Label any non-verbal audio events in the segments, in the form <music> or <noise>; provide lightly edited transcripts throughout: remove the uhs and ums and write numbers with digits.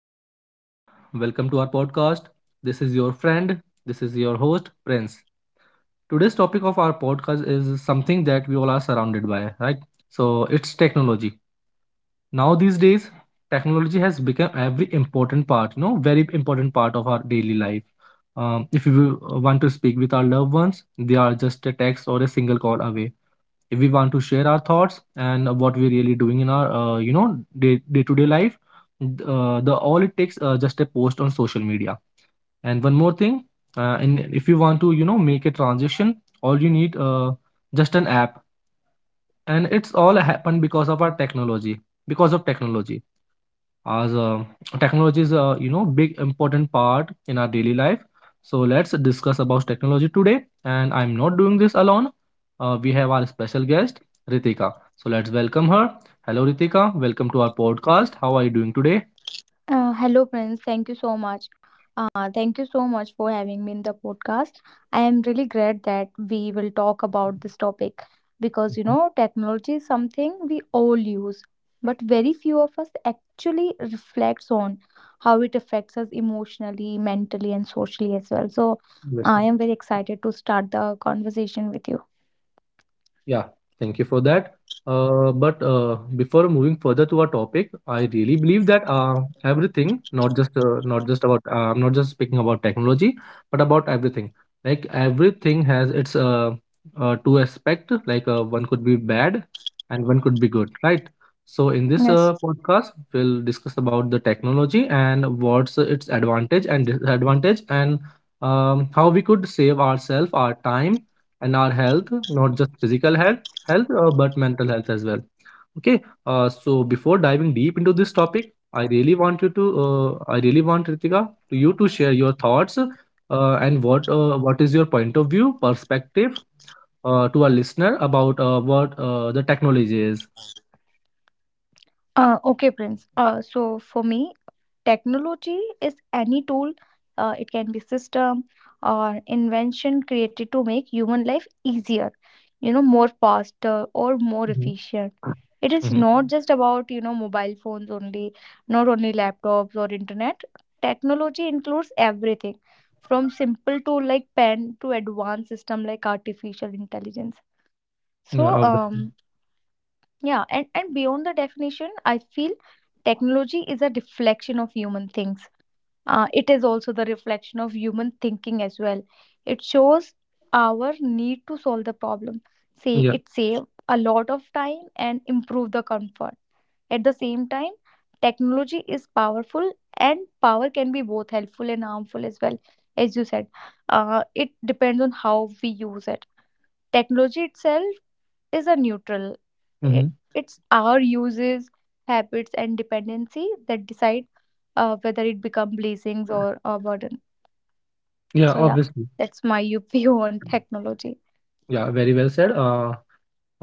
Hello, everyone. Welcome to our podcast. This is your friend. This is your host, Prince. Today's topic of our podcast is something that we all are surrounded by, right? So it's technology. Now these days, technology has become every important part, you know, very important part of our daily life. If you want to speak with our loved ones, they are just a text or a single call away if we want to share our thoughts and what we're really doing in our day to day life. The all it takes, just a post on social media. And one more thing, and if you want to make a transition, all you need, just an app. And it's all happened because of our technology, because of technology. As Technology is a big important part in our daily life. So let's discuss about technology today, and I'm not doing this alone. We have our special guest, Ritika. So let's welcome her. Hello, Ritika. Welcome to our podcast. How are you doing today? Hello, Prince. Thank you so much. Thank you so much for having me in the podcast. I am really glad that we will talk about this topic because Mhm. Technology is something we all use, but very few of us actually reflects on how it affects us emotionally, mentally, and socially as well. So, Yes, I ma'am. am very excited to start the conversation with you. Yeah, thank you for that. But before moving further to our topic, I really believe that everything, not just not just about I'm not just speaking about technology, but about everything. Like everything has its two aspect. Like one could be bad, and one could be good, right? So in this Yes. podcast, we'll discuss about the technology and what's its advantage and disadvantage, and how we could save ourselves, our time, and our health, not just physical health but mental health as well. Okay. So before diving deep into this topic, I really want Ritika to you to share your thoughts, and what is your point of view perspective, to our listener about what the technology is. Okay, Prince. So for me, technology is any tool, it can be system or invention created to make human life easier, more faster or more Mhm. efficient. It is Mhm. not just about, mobile phones only, not only laptops or internet. Technology includes everything from simple tool like pen to advanced system like artificial intelligence. Yeah, So, obviously. Yeah, and beyond the definition, I feel technology is a reflection of human things. It is also the reflection of human thinking as well. It shows our need to solve the problem. Say Yeah. it save a lot of time and improve the comfort. At the same time, technology is powerful, and power can be both helpful and harmful as well. As you said, it depends on how we use it. Technology itself is a neutral. I- Hmm. It's our uses, habits, and dependency that decide whether it become blessings or a burden. Yeah, So yeah, obviously. that's my <laughs> view on technology. Yeah, very well said. uh,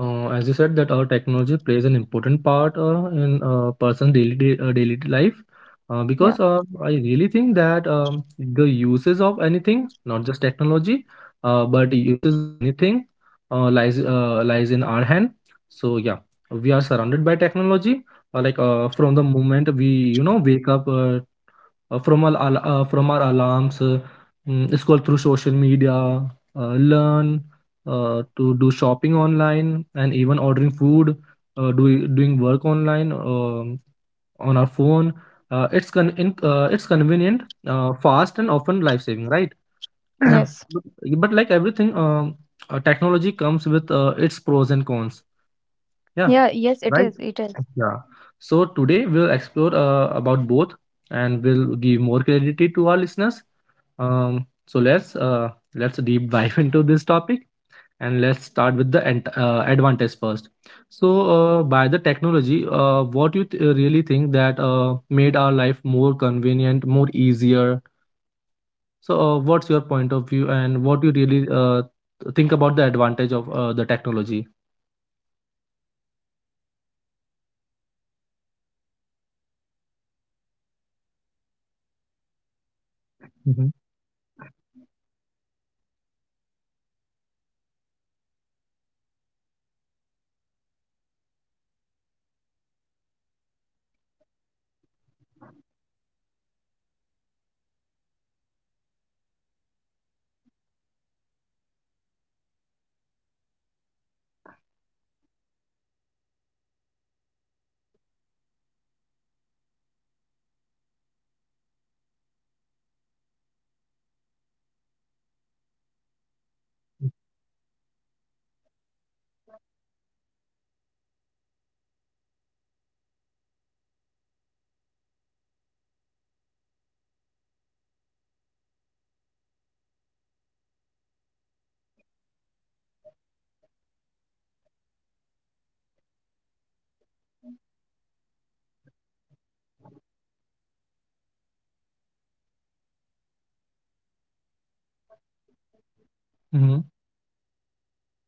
Uh, As you said, that our technology plays an important part in a person's daily life, because Yeah. I really think that the uses of anything, not just technology, but the uses of anything, lies in our hand. So yeah, we are surrounded by technology. Like from the moment we wake up, from our alarms, scroll through social media, learn, to do shopping online, and even ordering food, doing work online on our phone. It's convenient, fast, and often life saving, right? <clears throat> Yes. but, but like everything, technology comes with its pros and cons. Yeah, Yeah. Yes, it right. is. It is. Yeah. So today we'll explore about both, and we'll give more clarity to our listeners. So let's deep <laughs> dive into this topic, and let's start with the advantage first. So by the technology, what you really think that made our life more convenient, more easier? So what's your point of view, and what you really think about the advantage of the technology? If I can say advantage, honestly, we cannot ignore them. There are many advantages of technology. First, I can say that technology has made communication very easier. We can talk to people across the world in the seconds. You know, we have the facility of video calls, we can text them, messages, emails. Distance does not even feel like a barrier anymore. We can communicate to them anytime, any, from anywhere in the world, right? So communication made it easier. Technology made it very easier uh, you know and second most important thing, I can say advantage of technology can be education itself. You know, education has become more accessible. Now we have online classes, we have digital libraries, podcast, I can say, and learning apps have made knowledge available almost everyone, like everyone can have access to it throughout the technology, with the help of technology. And third, I can say, um, technology has improved healthcare also, which is very beneficial. From online consultants to advanced medical equipments. It Mm-hmm. has saved countless lives.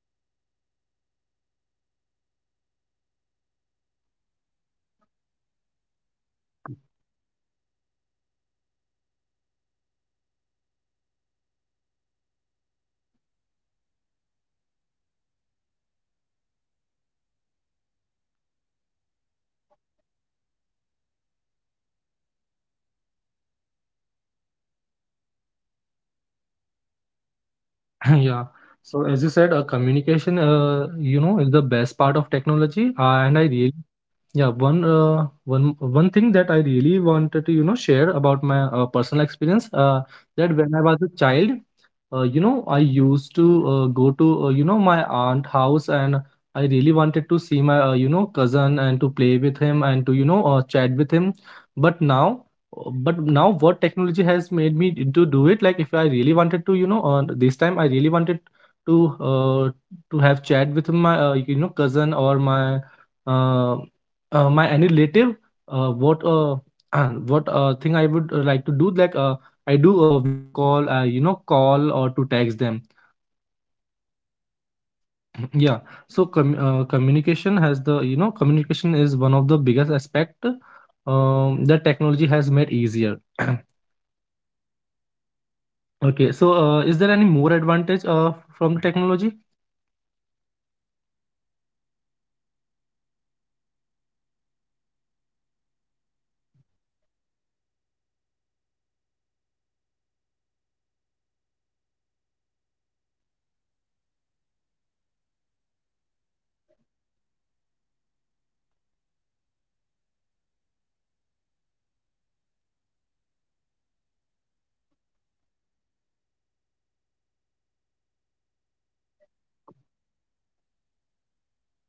So also technology has created opportunity for the people. You know, people can work remotely now. They can start their online business, and they can get the ideas to start the business, and they can also showcase their talent on the digital platforms. So for many people, technologies have, both freedom, growth, and convenience. So I can say, there are many advantages of technology if we use them in a right way. <laughs> Yeah. So as you said, communication, is the best part of technology, and I Yeah. really, yeah, one thing that I really wanted to share about my personal experience, Yeah, that when sure. I was a child, I used to go to my aunt house, and I really wanted to see my cousin and to play with him and to chat with him. But now, but now what technology has made me to do it? Like if I really wanted to, this time I really wanted to uh, to have chat with my cousin or my. Uh, my any relative, what <clears throat> what thing I would like to do, like I do a video call, call or to text them. Yeah. <clears throat> Yeah. So communication has the you know communication is one of the biggest aspect that technology has made easier. <clears throat> Yes, it is. Okay, so is there any more advantage from the technology? There are many. I can say, there are many advantages. You know, it makes our life very easier. As I said, communication also. I, as I said, banking, shopping. You know, it saved time. Traveling also. Work that once took hours can now be done in minutes. You know, we have access to knowledge as I discussed. Technology helps people work smarter and more efficient. It supports the innovations also, like we can get the new ideas, business solutions,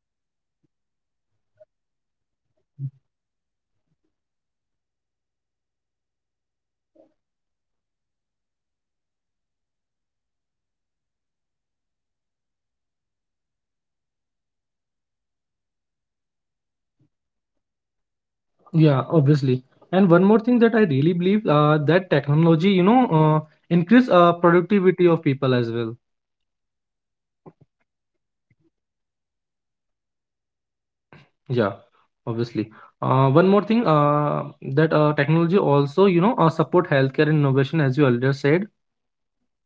healthcare advancement, as I have talked earlier. Additionally, entertainment and creativity, you know, music, movies, gaming, content creation, they are they can be accessible from anywhere. So there are so many, advantages of technology. Yeah, obviously. And one more thing that I really believe that technology increase productivity of people as well. Yes, it is. It increase the productivity. Yeah, obviously. One more thing that technology also, support healthcare innovation, as you earlier said.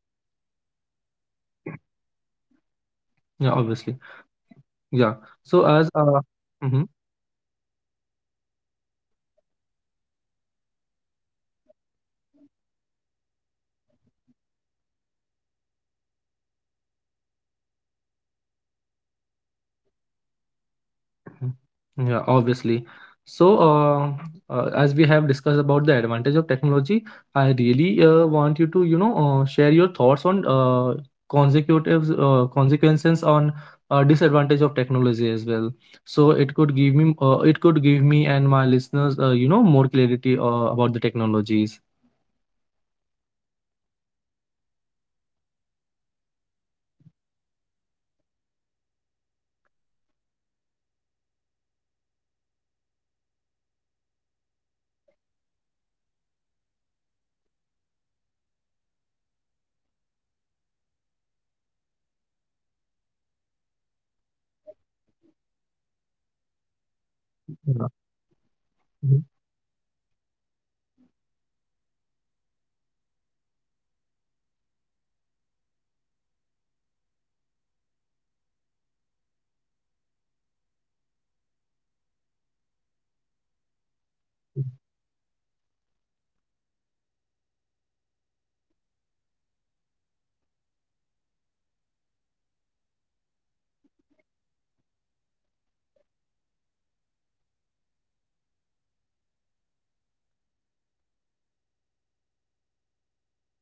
Yeah, technology supports. Yeah, Yeah, obviously. healthcare. Yeah. Because So as Mhm. medical equipments become so easy to accessible, you know, which we have, which are only available in metropolitan cities sometimes. Now we can access them very quickly. You know, it save countless lives. Mm. Yeah, obviously. So, as we have discussed about the advantage of technology, I really want you to, share your thoughts on consecutives consequences on disadvantage of technology as well. So it could give me and my listeners, more clarity about the technologies. Yeah, because when you have advantages of technology, it is the two, you know, aspect of the same coin. Technology have has definitely made life easier, but it has also quietly, created many problems that we often ignore. One of the biggest disadvantage of technology, I can say, is overdependence. We rarely Yeah. on a phone for Mhm. everything, from remembering numbers to, for the directions, for the dates, if, even emotions also. Slowly, we stop trusting our own thinking. When technology fails, we feel lost. Another major issue is a reduced human connection. Technology have reduced completely, cut off us with the other human. Like, people are connected online all the time, yet real conversation are decreasing. Families sit together but talk less, because all of them have mobile phone in their hands.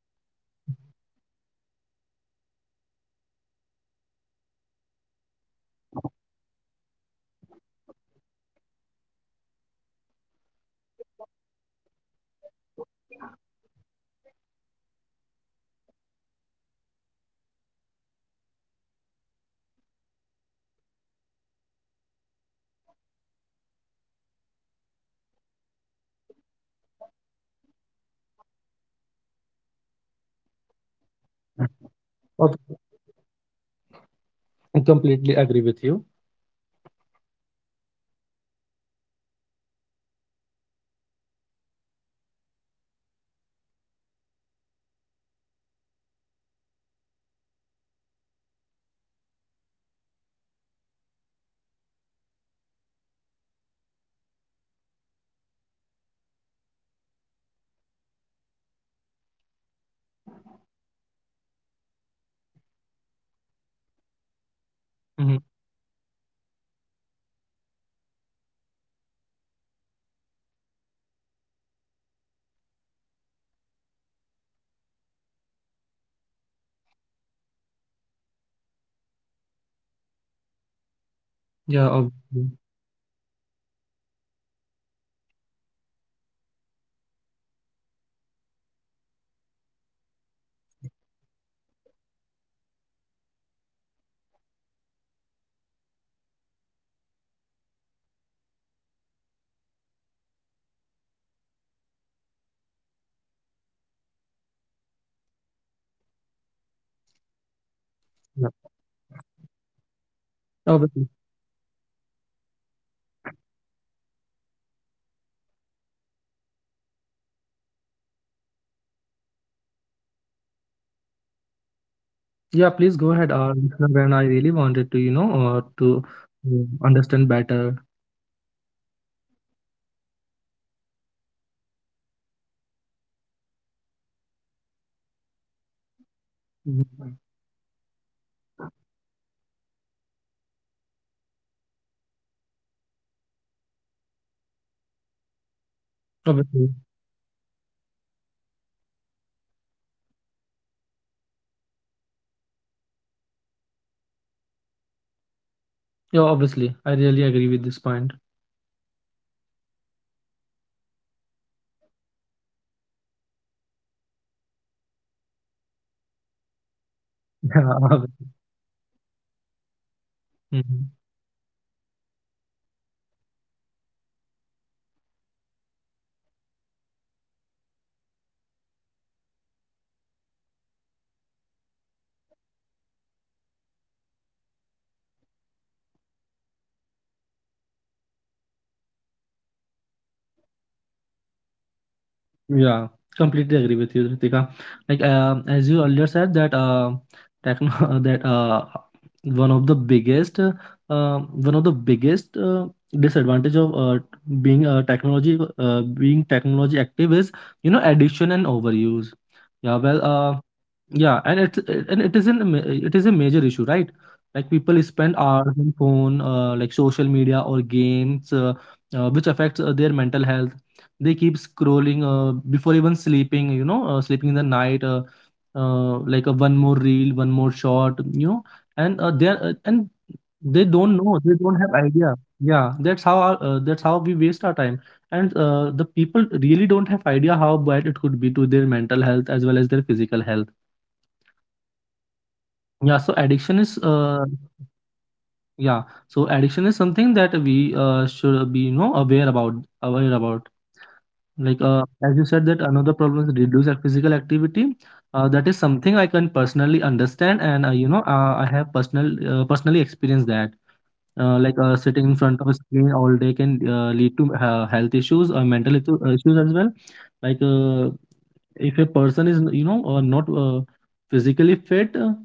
Friends meet but scroll more. If they are sitting in some, um in some gathering also, they were just scrolling through their mobile phones. They talk very less, and technology makes communication quick but not always meaningful. You know, so many things. Another can be, because, technology also affects the mental health. Social media, I can say, create constant comparison. People start measuring their life against filtered photos, and perfect Okay. stories. I completely agree with you. Yeah, because this leads to stress also. Anxiety become very common, low esteem, fear of missing out. The pressure of always be available and updated becomes many, like it becomes many, very common, and it is mentally exhausting for the people. Another disadvantage I can say, um is addiction. Many people cannot stay away from screens, even for the Mhm. short time. You know, notification, control attentions, and like this reduce the focus and the patience and productivity. Also, I can say, people struggle to concentrate, especially students and working professionals. Yeah, Another point obviously. I can say is, as I mentioned, it completely cut off you with the people. Also, technology also impact physical health. As I say, as I talk about mental health, it have huge impact on physical health also. Also, because a long screen time cause eye strain. It cause the headache also, poor sleep, body pain. Lack of physical Yeah. activity leads to fatigue and lifestyle Obviously. diseases. Our bodies move less, <laughs> and while our screens stay active, so it is. There are many. I can <laughs> I can go like for many or also other disadvantages of it. Yeah, please Like, go ahead, Rishabh, and I really wanted to, you know, uh, to yeah, um, understand better. yeah, if we know about the advantages, there are so many disadvantages also. So we should also concerned about it. Like, privacy is Mhm. another serious concern, I can say. Personal data is constantly, collected somewhere. It's like, if sometimes it is misused also, many people don't even Obviously. realize that how much of their personal life exists online only. Once privacy is lost, it is very difficult to get it back, right? Yeah, obviously, I really agree with this point. Yeah, and technology also creates emotional distance. You know, messages replace conversations, emojis replace expressions, and <laughs> Yeah, like obviously. replace validations. You know, people Mhm. may communicate more but feel understood less. Emotional depth slowly reduce. Another problem can be short attention span. We are used to quick information and instant result. Waiting feels like uncomfortable, you know, deep thinking, reading, and patience are, these sort of things are slowly disappearing from you know Yeah, completely agree with you, Ritika. Like as you earlier said that techno <laughs> that one of the biggest uh, one of the biggest disadvantage of being technology active is addiction and overuse. Yeah, well. yeah, Yeah, and it isn't it is a major issue, right? Like it people is. spend hours on phone, like social media or games, which affects their mental health. They keep scrolling before even sleeping, sleeping in the night, like a one more reel, one more shot. you know, and uh, they uh, Yeah. and And they that's how don't we know, they waste our don't have time. idea. Yeah, that's how we waste our time, and the people really don't have idea how bad it could be to their mental health as well as their physical health. Yeah, it affects so much, Yeah, so both physically and mentally. yeah, addiction is something that we should be aware about. Yes. Like as you said that another problem is reduce our physical activity. That is something I can personally understand, and I have personally experienced that. Like sitting in Okay. front of a screen all day can lead to health issues, mental issues as well. Like if a person is not physically fit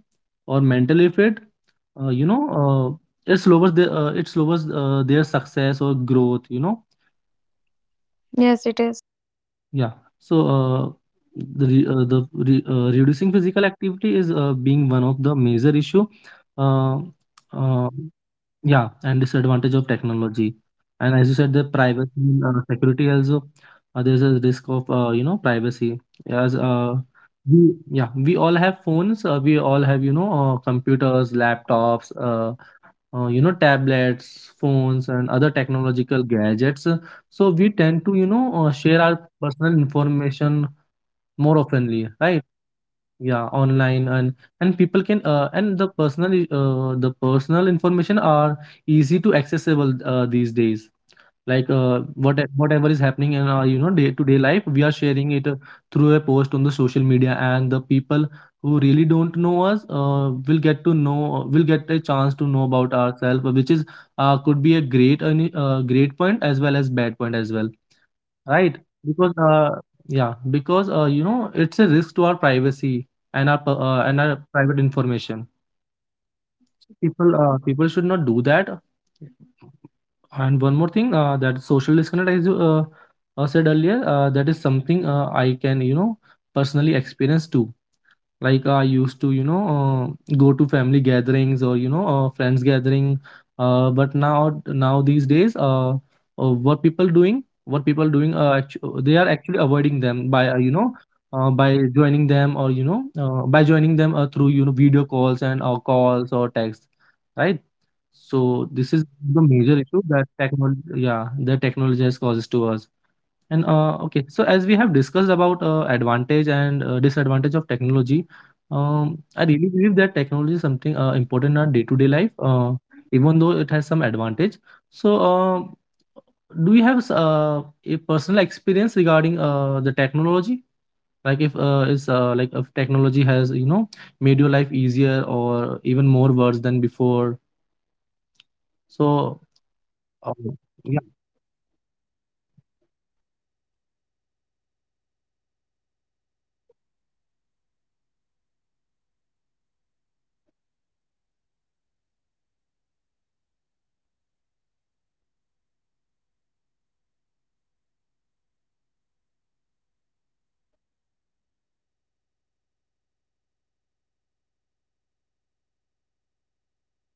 or mentally fit, uh, you know it slows their success or growth. Yes, it is. Yeah, so reducing physical activity is being one of the major issue. uh, Absolutely. uh, Yeah, and disadvantage of technology. And as you said, the Yeah, it is. privacy, and, security also. There's a risk of privacy. As Yeah. we Yeah, we all have phones. We all have computers, laptops, tablets, phones, and other technological gadgets. So we tend to share our personal information more oftenly, Online, right? yes. Yeah, online. And people can and the personal I- the personal information are easy to accessible these days. Like Yes. whatever is happening in our day to day life, we are sharing it through a post on the social media, and the people who really don't know us will get a chance to know about ourselves, which is could be a great and great point as well as bad point as well, Yes, right? yes, true. because Yeah, because it's a risk to our privacy and our per- uh, Yes, and our private information. yes, yes, it So is. people should not do that. And one more thing, that social disconnect, as you said earlier, that is something I can personally experience too. Like I used to go to family gatherings or friends gathering, but now these days, what people doing actu- they are actually avoiding them by joining them, or by joining them through video calls and or calls or text, right? So Yeah, this is the exactly, major issue exactly. that technology yeah, that technology has causes to us. And okay, so as we have discussed about advantage and disadvantage of technology, Yeah. I really believe that technology is something important in our day-to-day life, even though it has some advantage. So, do you have a personal experience regarding the technology? Like if technology has made your life easier or even more worse than before. So, Yeah, uh, yeah. If I yeah, talk about myself, definitely, technology is something which is very important and which make the life very easier. Like, it is the part of everyday life, not only mine but for everyone. You know, technology become the part of day-to-day lifestyle. From the moment I wake up, you know, technology helps me. Like, my phone wake me up, helps me take the time, you know, reminds me of the task and keep me connected with the people.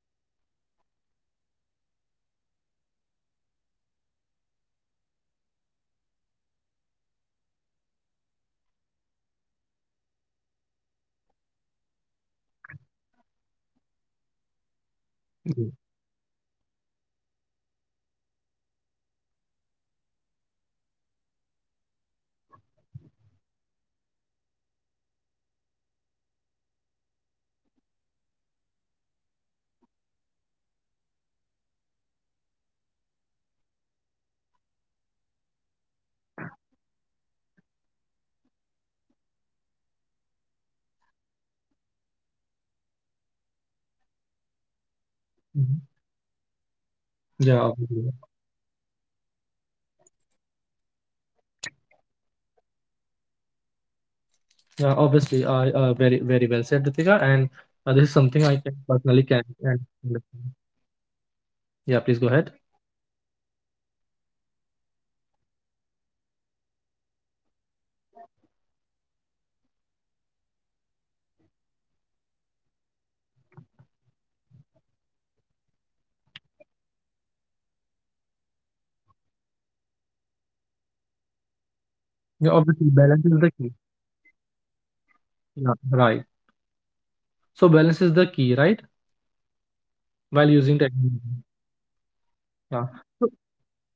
Even small things like navigation, online payments, and setting reminders save a lot of time and efforts. So, in my personal experience, technology has made learning easier and faster. If I don't yeah, understand something, I can search for it instantly. Like I can, I do Google very very quickly. I can watch videos, listen to podcast and read articles anytime. This helps me grow both academically and personally also. So, technology has also helped me stay connected with the people. I can talk to people who live far away. I can share my moments, and maintain relationship even when mhm. distance exists. Without Yeah, technology many connection, would have been lost if there would be no technology. yeah, obviously, I very, very well said, Ritika. And this is Yeah, something I can personally can. additionally, Can yeah. understand. Yeah. Yeah, please go At the ahead. same time, I have realized that, technology teaches responsibility also. Um, mm, there were times when I used to use this too much, and it affect my focus and peace. That experience made me understood that technology is powerful, but only when you used with balance. In daily Yeah, life, obviously, balance technology is the helps key. with work. Yeah, Yeah, right. So balance is the key, right? While yeah, using technology. true. Yeah, Yeah. yes, So yes, it is.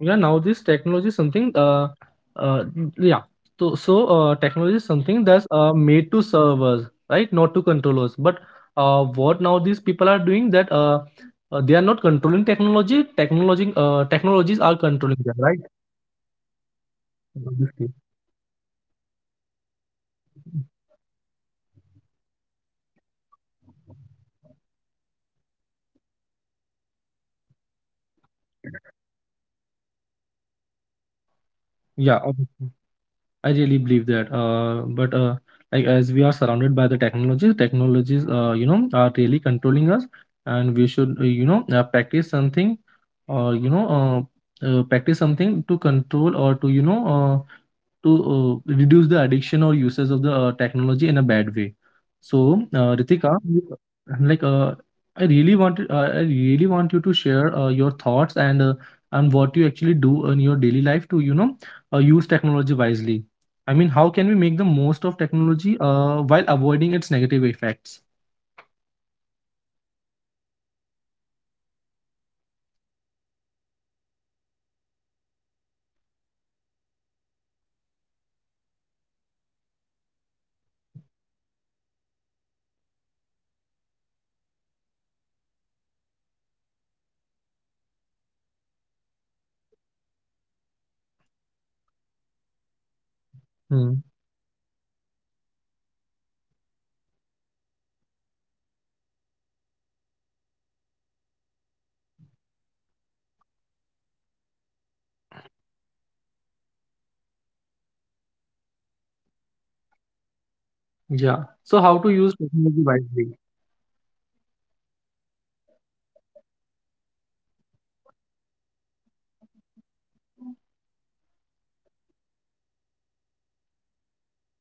yeah, now this technology is something. Yeah. So technology is something that's made to serve us, right? Not to control us. But what now these people are doing that they are not controlling technology. Technologies are Technology is controlling them, controlling right? them. Yes, yes, true. Technology is Obviously. extremely important in day-to-day life, you know. But the real importance lies in how consciously we use it. We use, we should use it wisely. Technology become helper. If we use carelessly, it become distraction. So yeah, Ja, altijd. I really believe that. But like as we are surrounded by the technologies, are really controlling us, and we should, practice something to control, or to reduce the addiction or usage of the technology in a bad way. So, yeah, Ritika, true. Like, I really want you to share your thoughts, and and what you actually do in your daily life to, use technology wisely. I mean, how can we make the most of technology while avoiding its negative effects? Uh, uh, li- like if if I want to share, like <laughs> if I have to share. Technology has become, you know, such a normal part of our daily life, that we often don't even, you know, even notice anymore. From morning alarms, as I said, to night reminders, and day quietly runs with the help of technology. In Hmm. daily life, technology help us save time and effort, as I said. You know, technology has also changed the way we learn and grow. We can access information, new skill. At the same time, technology influence how we connect with the people. Yeah. So how to use uh, you technology know wisely? If I say, if you ask how to use technology wisely, like it depends. It depends person to person.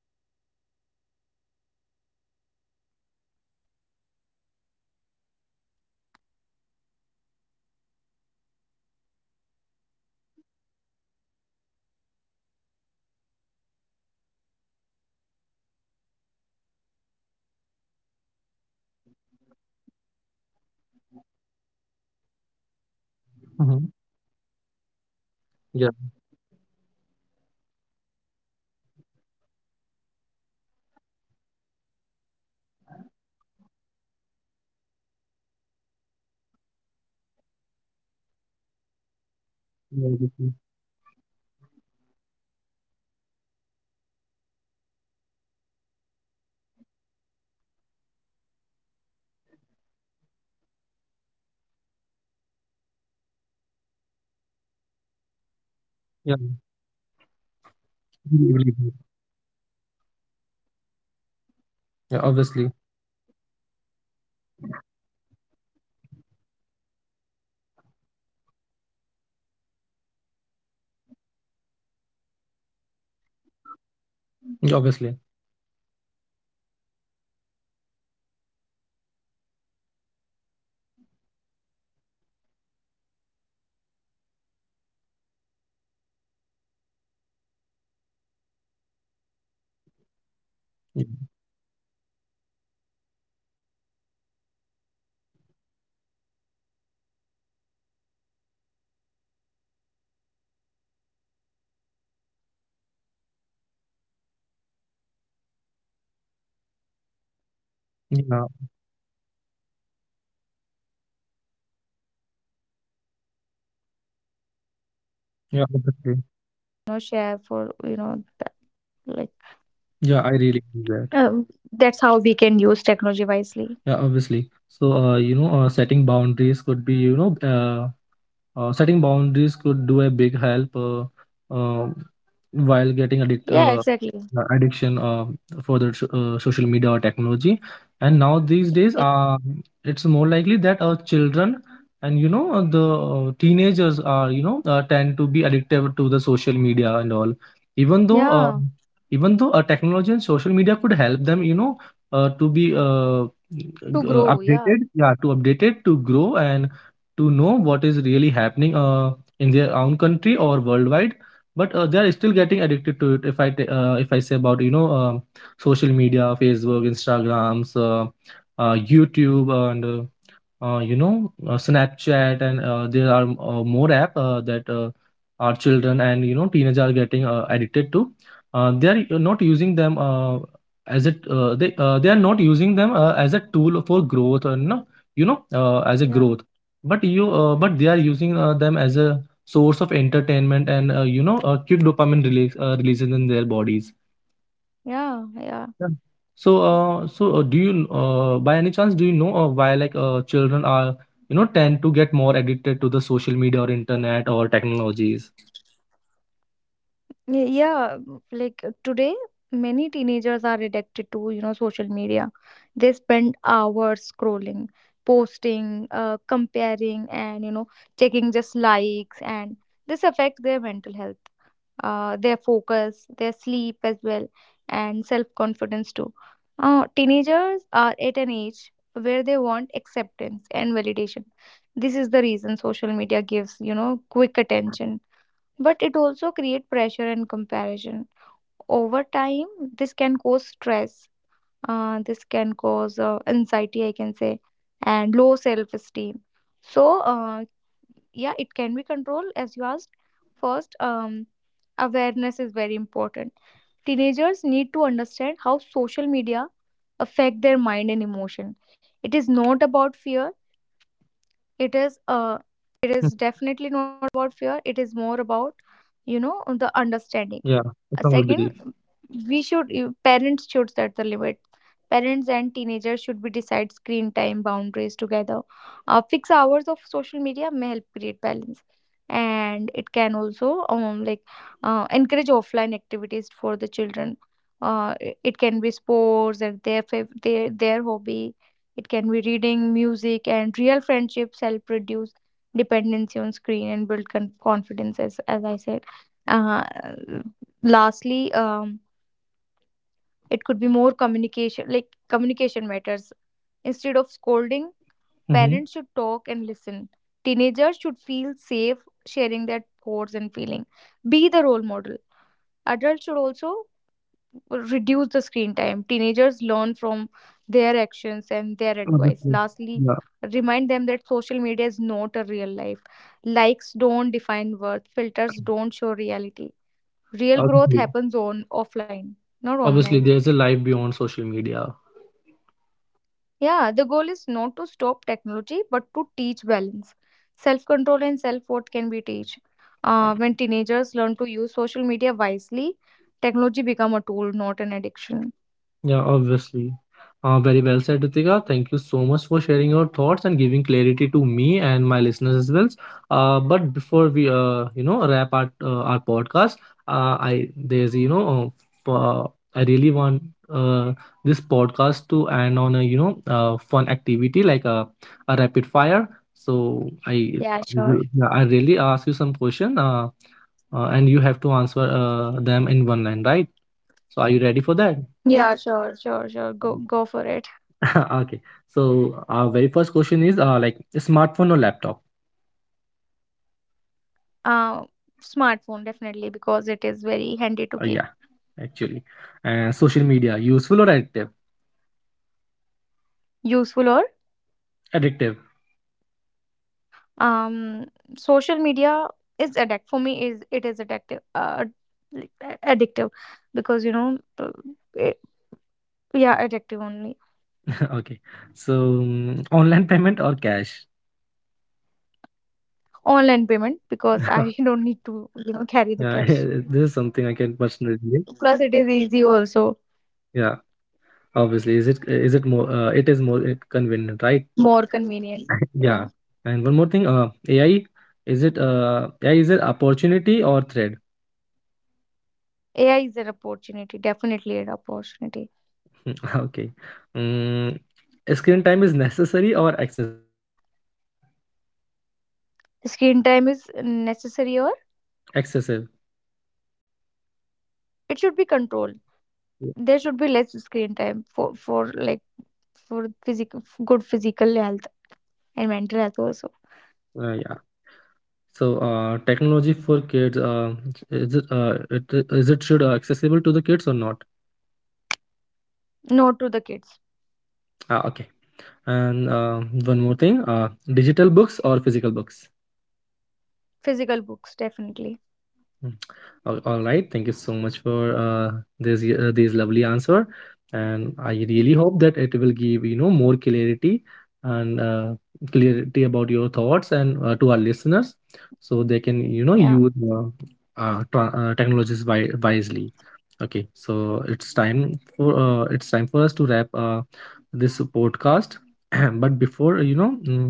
Uh, you know technology can be either, very good and also, also like, it start with awareness. First we have to set the limits, you know. Um, de- we should decrease our like screen time and decide, how much time you really need on your phone or laptop. We can take small breaks from screen, especially Mm-hmm. before sleeping. Uh, Yeah. second, use technology with purpose. Ask yourself, am I learning? Am I working? Or just scrolling without reason? You know, using technology intentionally helps reduce distraction and stress. And Yeah. Obviously. thirdly, do not replace real life with the screen. You know, technology should help you stay connected. And real conversation, real experience, and real emotions matter more. Okay, and Yeah. Really, really also. good. Protect your mental health, Yeah. Obviously. avoid constant comparison on social media. If I talk about social media, plays a very vital role in every person's life. So remember that online life is often filtered and not fully real. Yeah, obviously. Uh, f- m- one of the most major thing is respect your privacy. Be careful about what you share online, and where you share it, especially it depends on which platform you are sharing your personal information. Yeah. And lastly, I can say that, balance is the key. Technology is a tool, not a controller. Uh, we have to use it, you know, to grow and to learn and to connect, but also make time to unplug, you know, rest and live in the present. So Yeah. using technology wisely means that staying in control and not letting technology control you. So Yeah. that's all I Obviously. want to, you know, share for you know that, like, Yeah. I really do that. um, that's how we can use technology wisely. Yeah. Obviously. So setting boundaries could do a big help, uh, while getting addict Yeah, uh, exactly. uh, addiction uh, for the social media or technology. And now these days, Yeah, it's more likely that our children and the teenagers are you know tend to be addictive to the social media and all. Even though yeah, technology and social media could help them, you know, to be to grow. Yeah, updated, yeah, to update it, to grow, and to know what is really happening in their own country or worldwide, but they are still getting addicted to it, if I say about social media, Facebook, Instagrams, youtube, and Snapchat, and there are more app that our children and teenagers are getting addicted to. Uh, they are not using them as a they are not using them as a tool for growth, or no, as a yeah, growth, but you but they are using them as a source of entertainment, and quick dopamine releases in their bodies. yeah, yeah. Yeah. So, by any chance, do you know why, like children tend to get more addicted to the social media or internet or technologies? Yeah, like today, many teenagers are addicted to, you know, social media. They spend hours scrolling, posting, comparing, and, you know, taking just likes, and this affects their mental health, their focus, their sleep as well, and self-confidence too. Teenagers are at an age where they want acceptance and validation. This is the reason social media gives, you know, quick attention, but it also create pressure and comparison. Over time this can cause stress, this can cause anxiety, I can say, and low self esteem. So uh, yeah, it can be controlled as you asked. First, awareness is very important. Teenagers need to understand how social media affect their mind and emotion. It is not about fear. It is uh, it Hmm. is definitely not about fear. It is more about, you know, the understanding. Yeah, I Uh, strongly believe. second, we should parents should set the limit. Parents and teenagers should be decide screen time boundaries together. Uh, fixed hours of social media may help create balance. And it can also, like, encourage offline activities for the children. It can be sports and their, their hobby. It can be reading, music and real friendships help reduce dependency on screen and build confidence as I said. uh, Lastly, it could be more communication, like communication matters. Instead of scolding, Mm-hmm. parents should talk and listen. Teenagers should feel safe sharing their thoughts and feeling. Be the role model. Adults should also reduce the screen time. Teenagers learn from their actions and their advice. Obviously, Lastly, yeah, remind them that social media is not a real life. Likes don't define worth. Filters don't show reality. Real growth obviously, happens on offline, not obviously, online. there's a life beyond social media. Yeah, the goal is not to stop technology, but to teach balance. Self control and self worth can be taught. When teenagers learn to use social media wisely, technology become a tool, not an addiction. Yeah, obviously. Very well said, Ritika. Thank you so much for sharing your thoughts and giving clarity to me and my listeners as well. But before we, wrap our podcast, I there's you know, f- I really want uh, this podcast to end on a, fun activity, like a rapid fire. So Yeah, sure. yeah, I really ask you some question, and you have to answer them in one line, right? So are you ready for that? Yeah, sure, sure, sure. Um, Go, go for it. <laughs> Okay. So our very first question is, like, smartphone or laptop? Uh, smartphone definitely because it is very handy to keep. Yeah, actually. Social media, useful or addictive? Useful or, Addictive. um social media is addict for me, is it is addictive. Like, addictive because, you know, it, yeah, addictive only. <laughs> Okay. So, online payment or cash? Online payment because I <laughs> <laughs> don't need to, you know, carry the Yeah, <laughs> cash. this is something I can personally relate. Plus, it is easy also, Yeah, obviously, is it more? It is more convenient, right? more convenient. <laughs> Yeah. Yeah. And one more thing, AI, is it AI, is it opportunity or threat? AI is an opportunity, definitely an opportunity. Mm, <laughs> okay. Mm, screen time is necessary or excessive? Screen time is necessary, or Excessive. it should be controlled. There should be less screen time for, like for physical, good physical health and mental health also. Yeah. So technology for kids, is it, uh, it, is it should accessible to the kids or not? No to the kids. Ah, okay. And one more thing, digital books or physical books? Physical books, definitely. Mm. All right. Thank you so much for this this lovely answer, and I really hope that it will give more clarity, and clarity about your thoughts, and to our listeners, so they can Yeah. use technologies wisely. Okay, so it's time for us to wrap this podcast. <clears throat> But before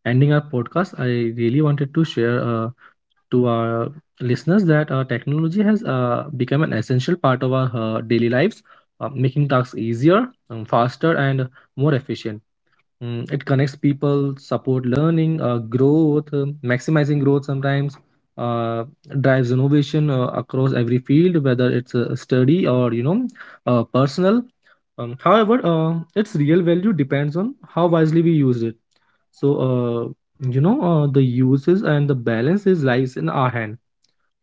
ending our podcast, I really wanted to share. To our listeners, that technology has become an essential part of our daily lives, making tasks easier, faster, and more efficient. It connects people, support learning, growth, maximizing growth sometimes, uh, drives innovation across every field, whether it's a study or, personal. However, its real value depends on how wisely we use it. So, the uses and the balance is lies in our hand.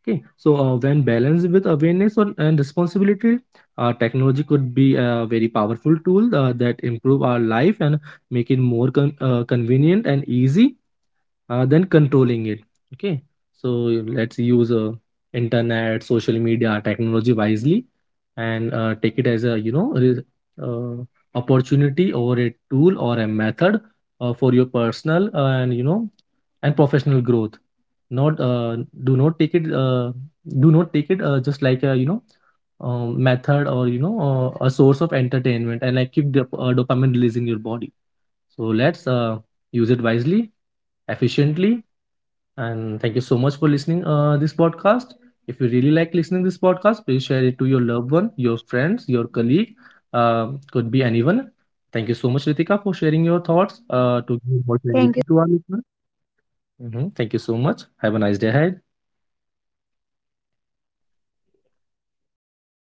Okay, so when balanced with awareness and responsibility, technology could be a very powerful tool that improve our life and make it more convenient and easy than controlling it. Okay, so let's use internet, social media, technology wisely, and take it as a, uh, opportunity, or a tool, or a method for your personal and you know and professional growth. Not Do not take it, just like a, method, or a source of entertainment, and, like, keep dopamine release in your body. So let's use it wisely, efficiently. And thank you so much for listening this podcast. If you really like listening this podcast, please share it to your loved one, your friends, your colleague, could be anyone. Thank you so much, Ritika, for sharing your thoughts to give more Thank you clarity to so our much, listeners. Prince, for having me in the Mhm. podcast. Thank you so much. Have a nice day ahead.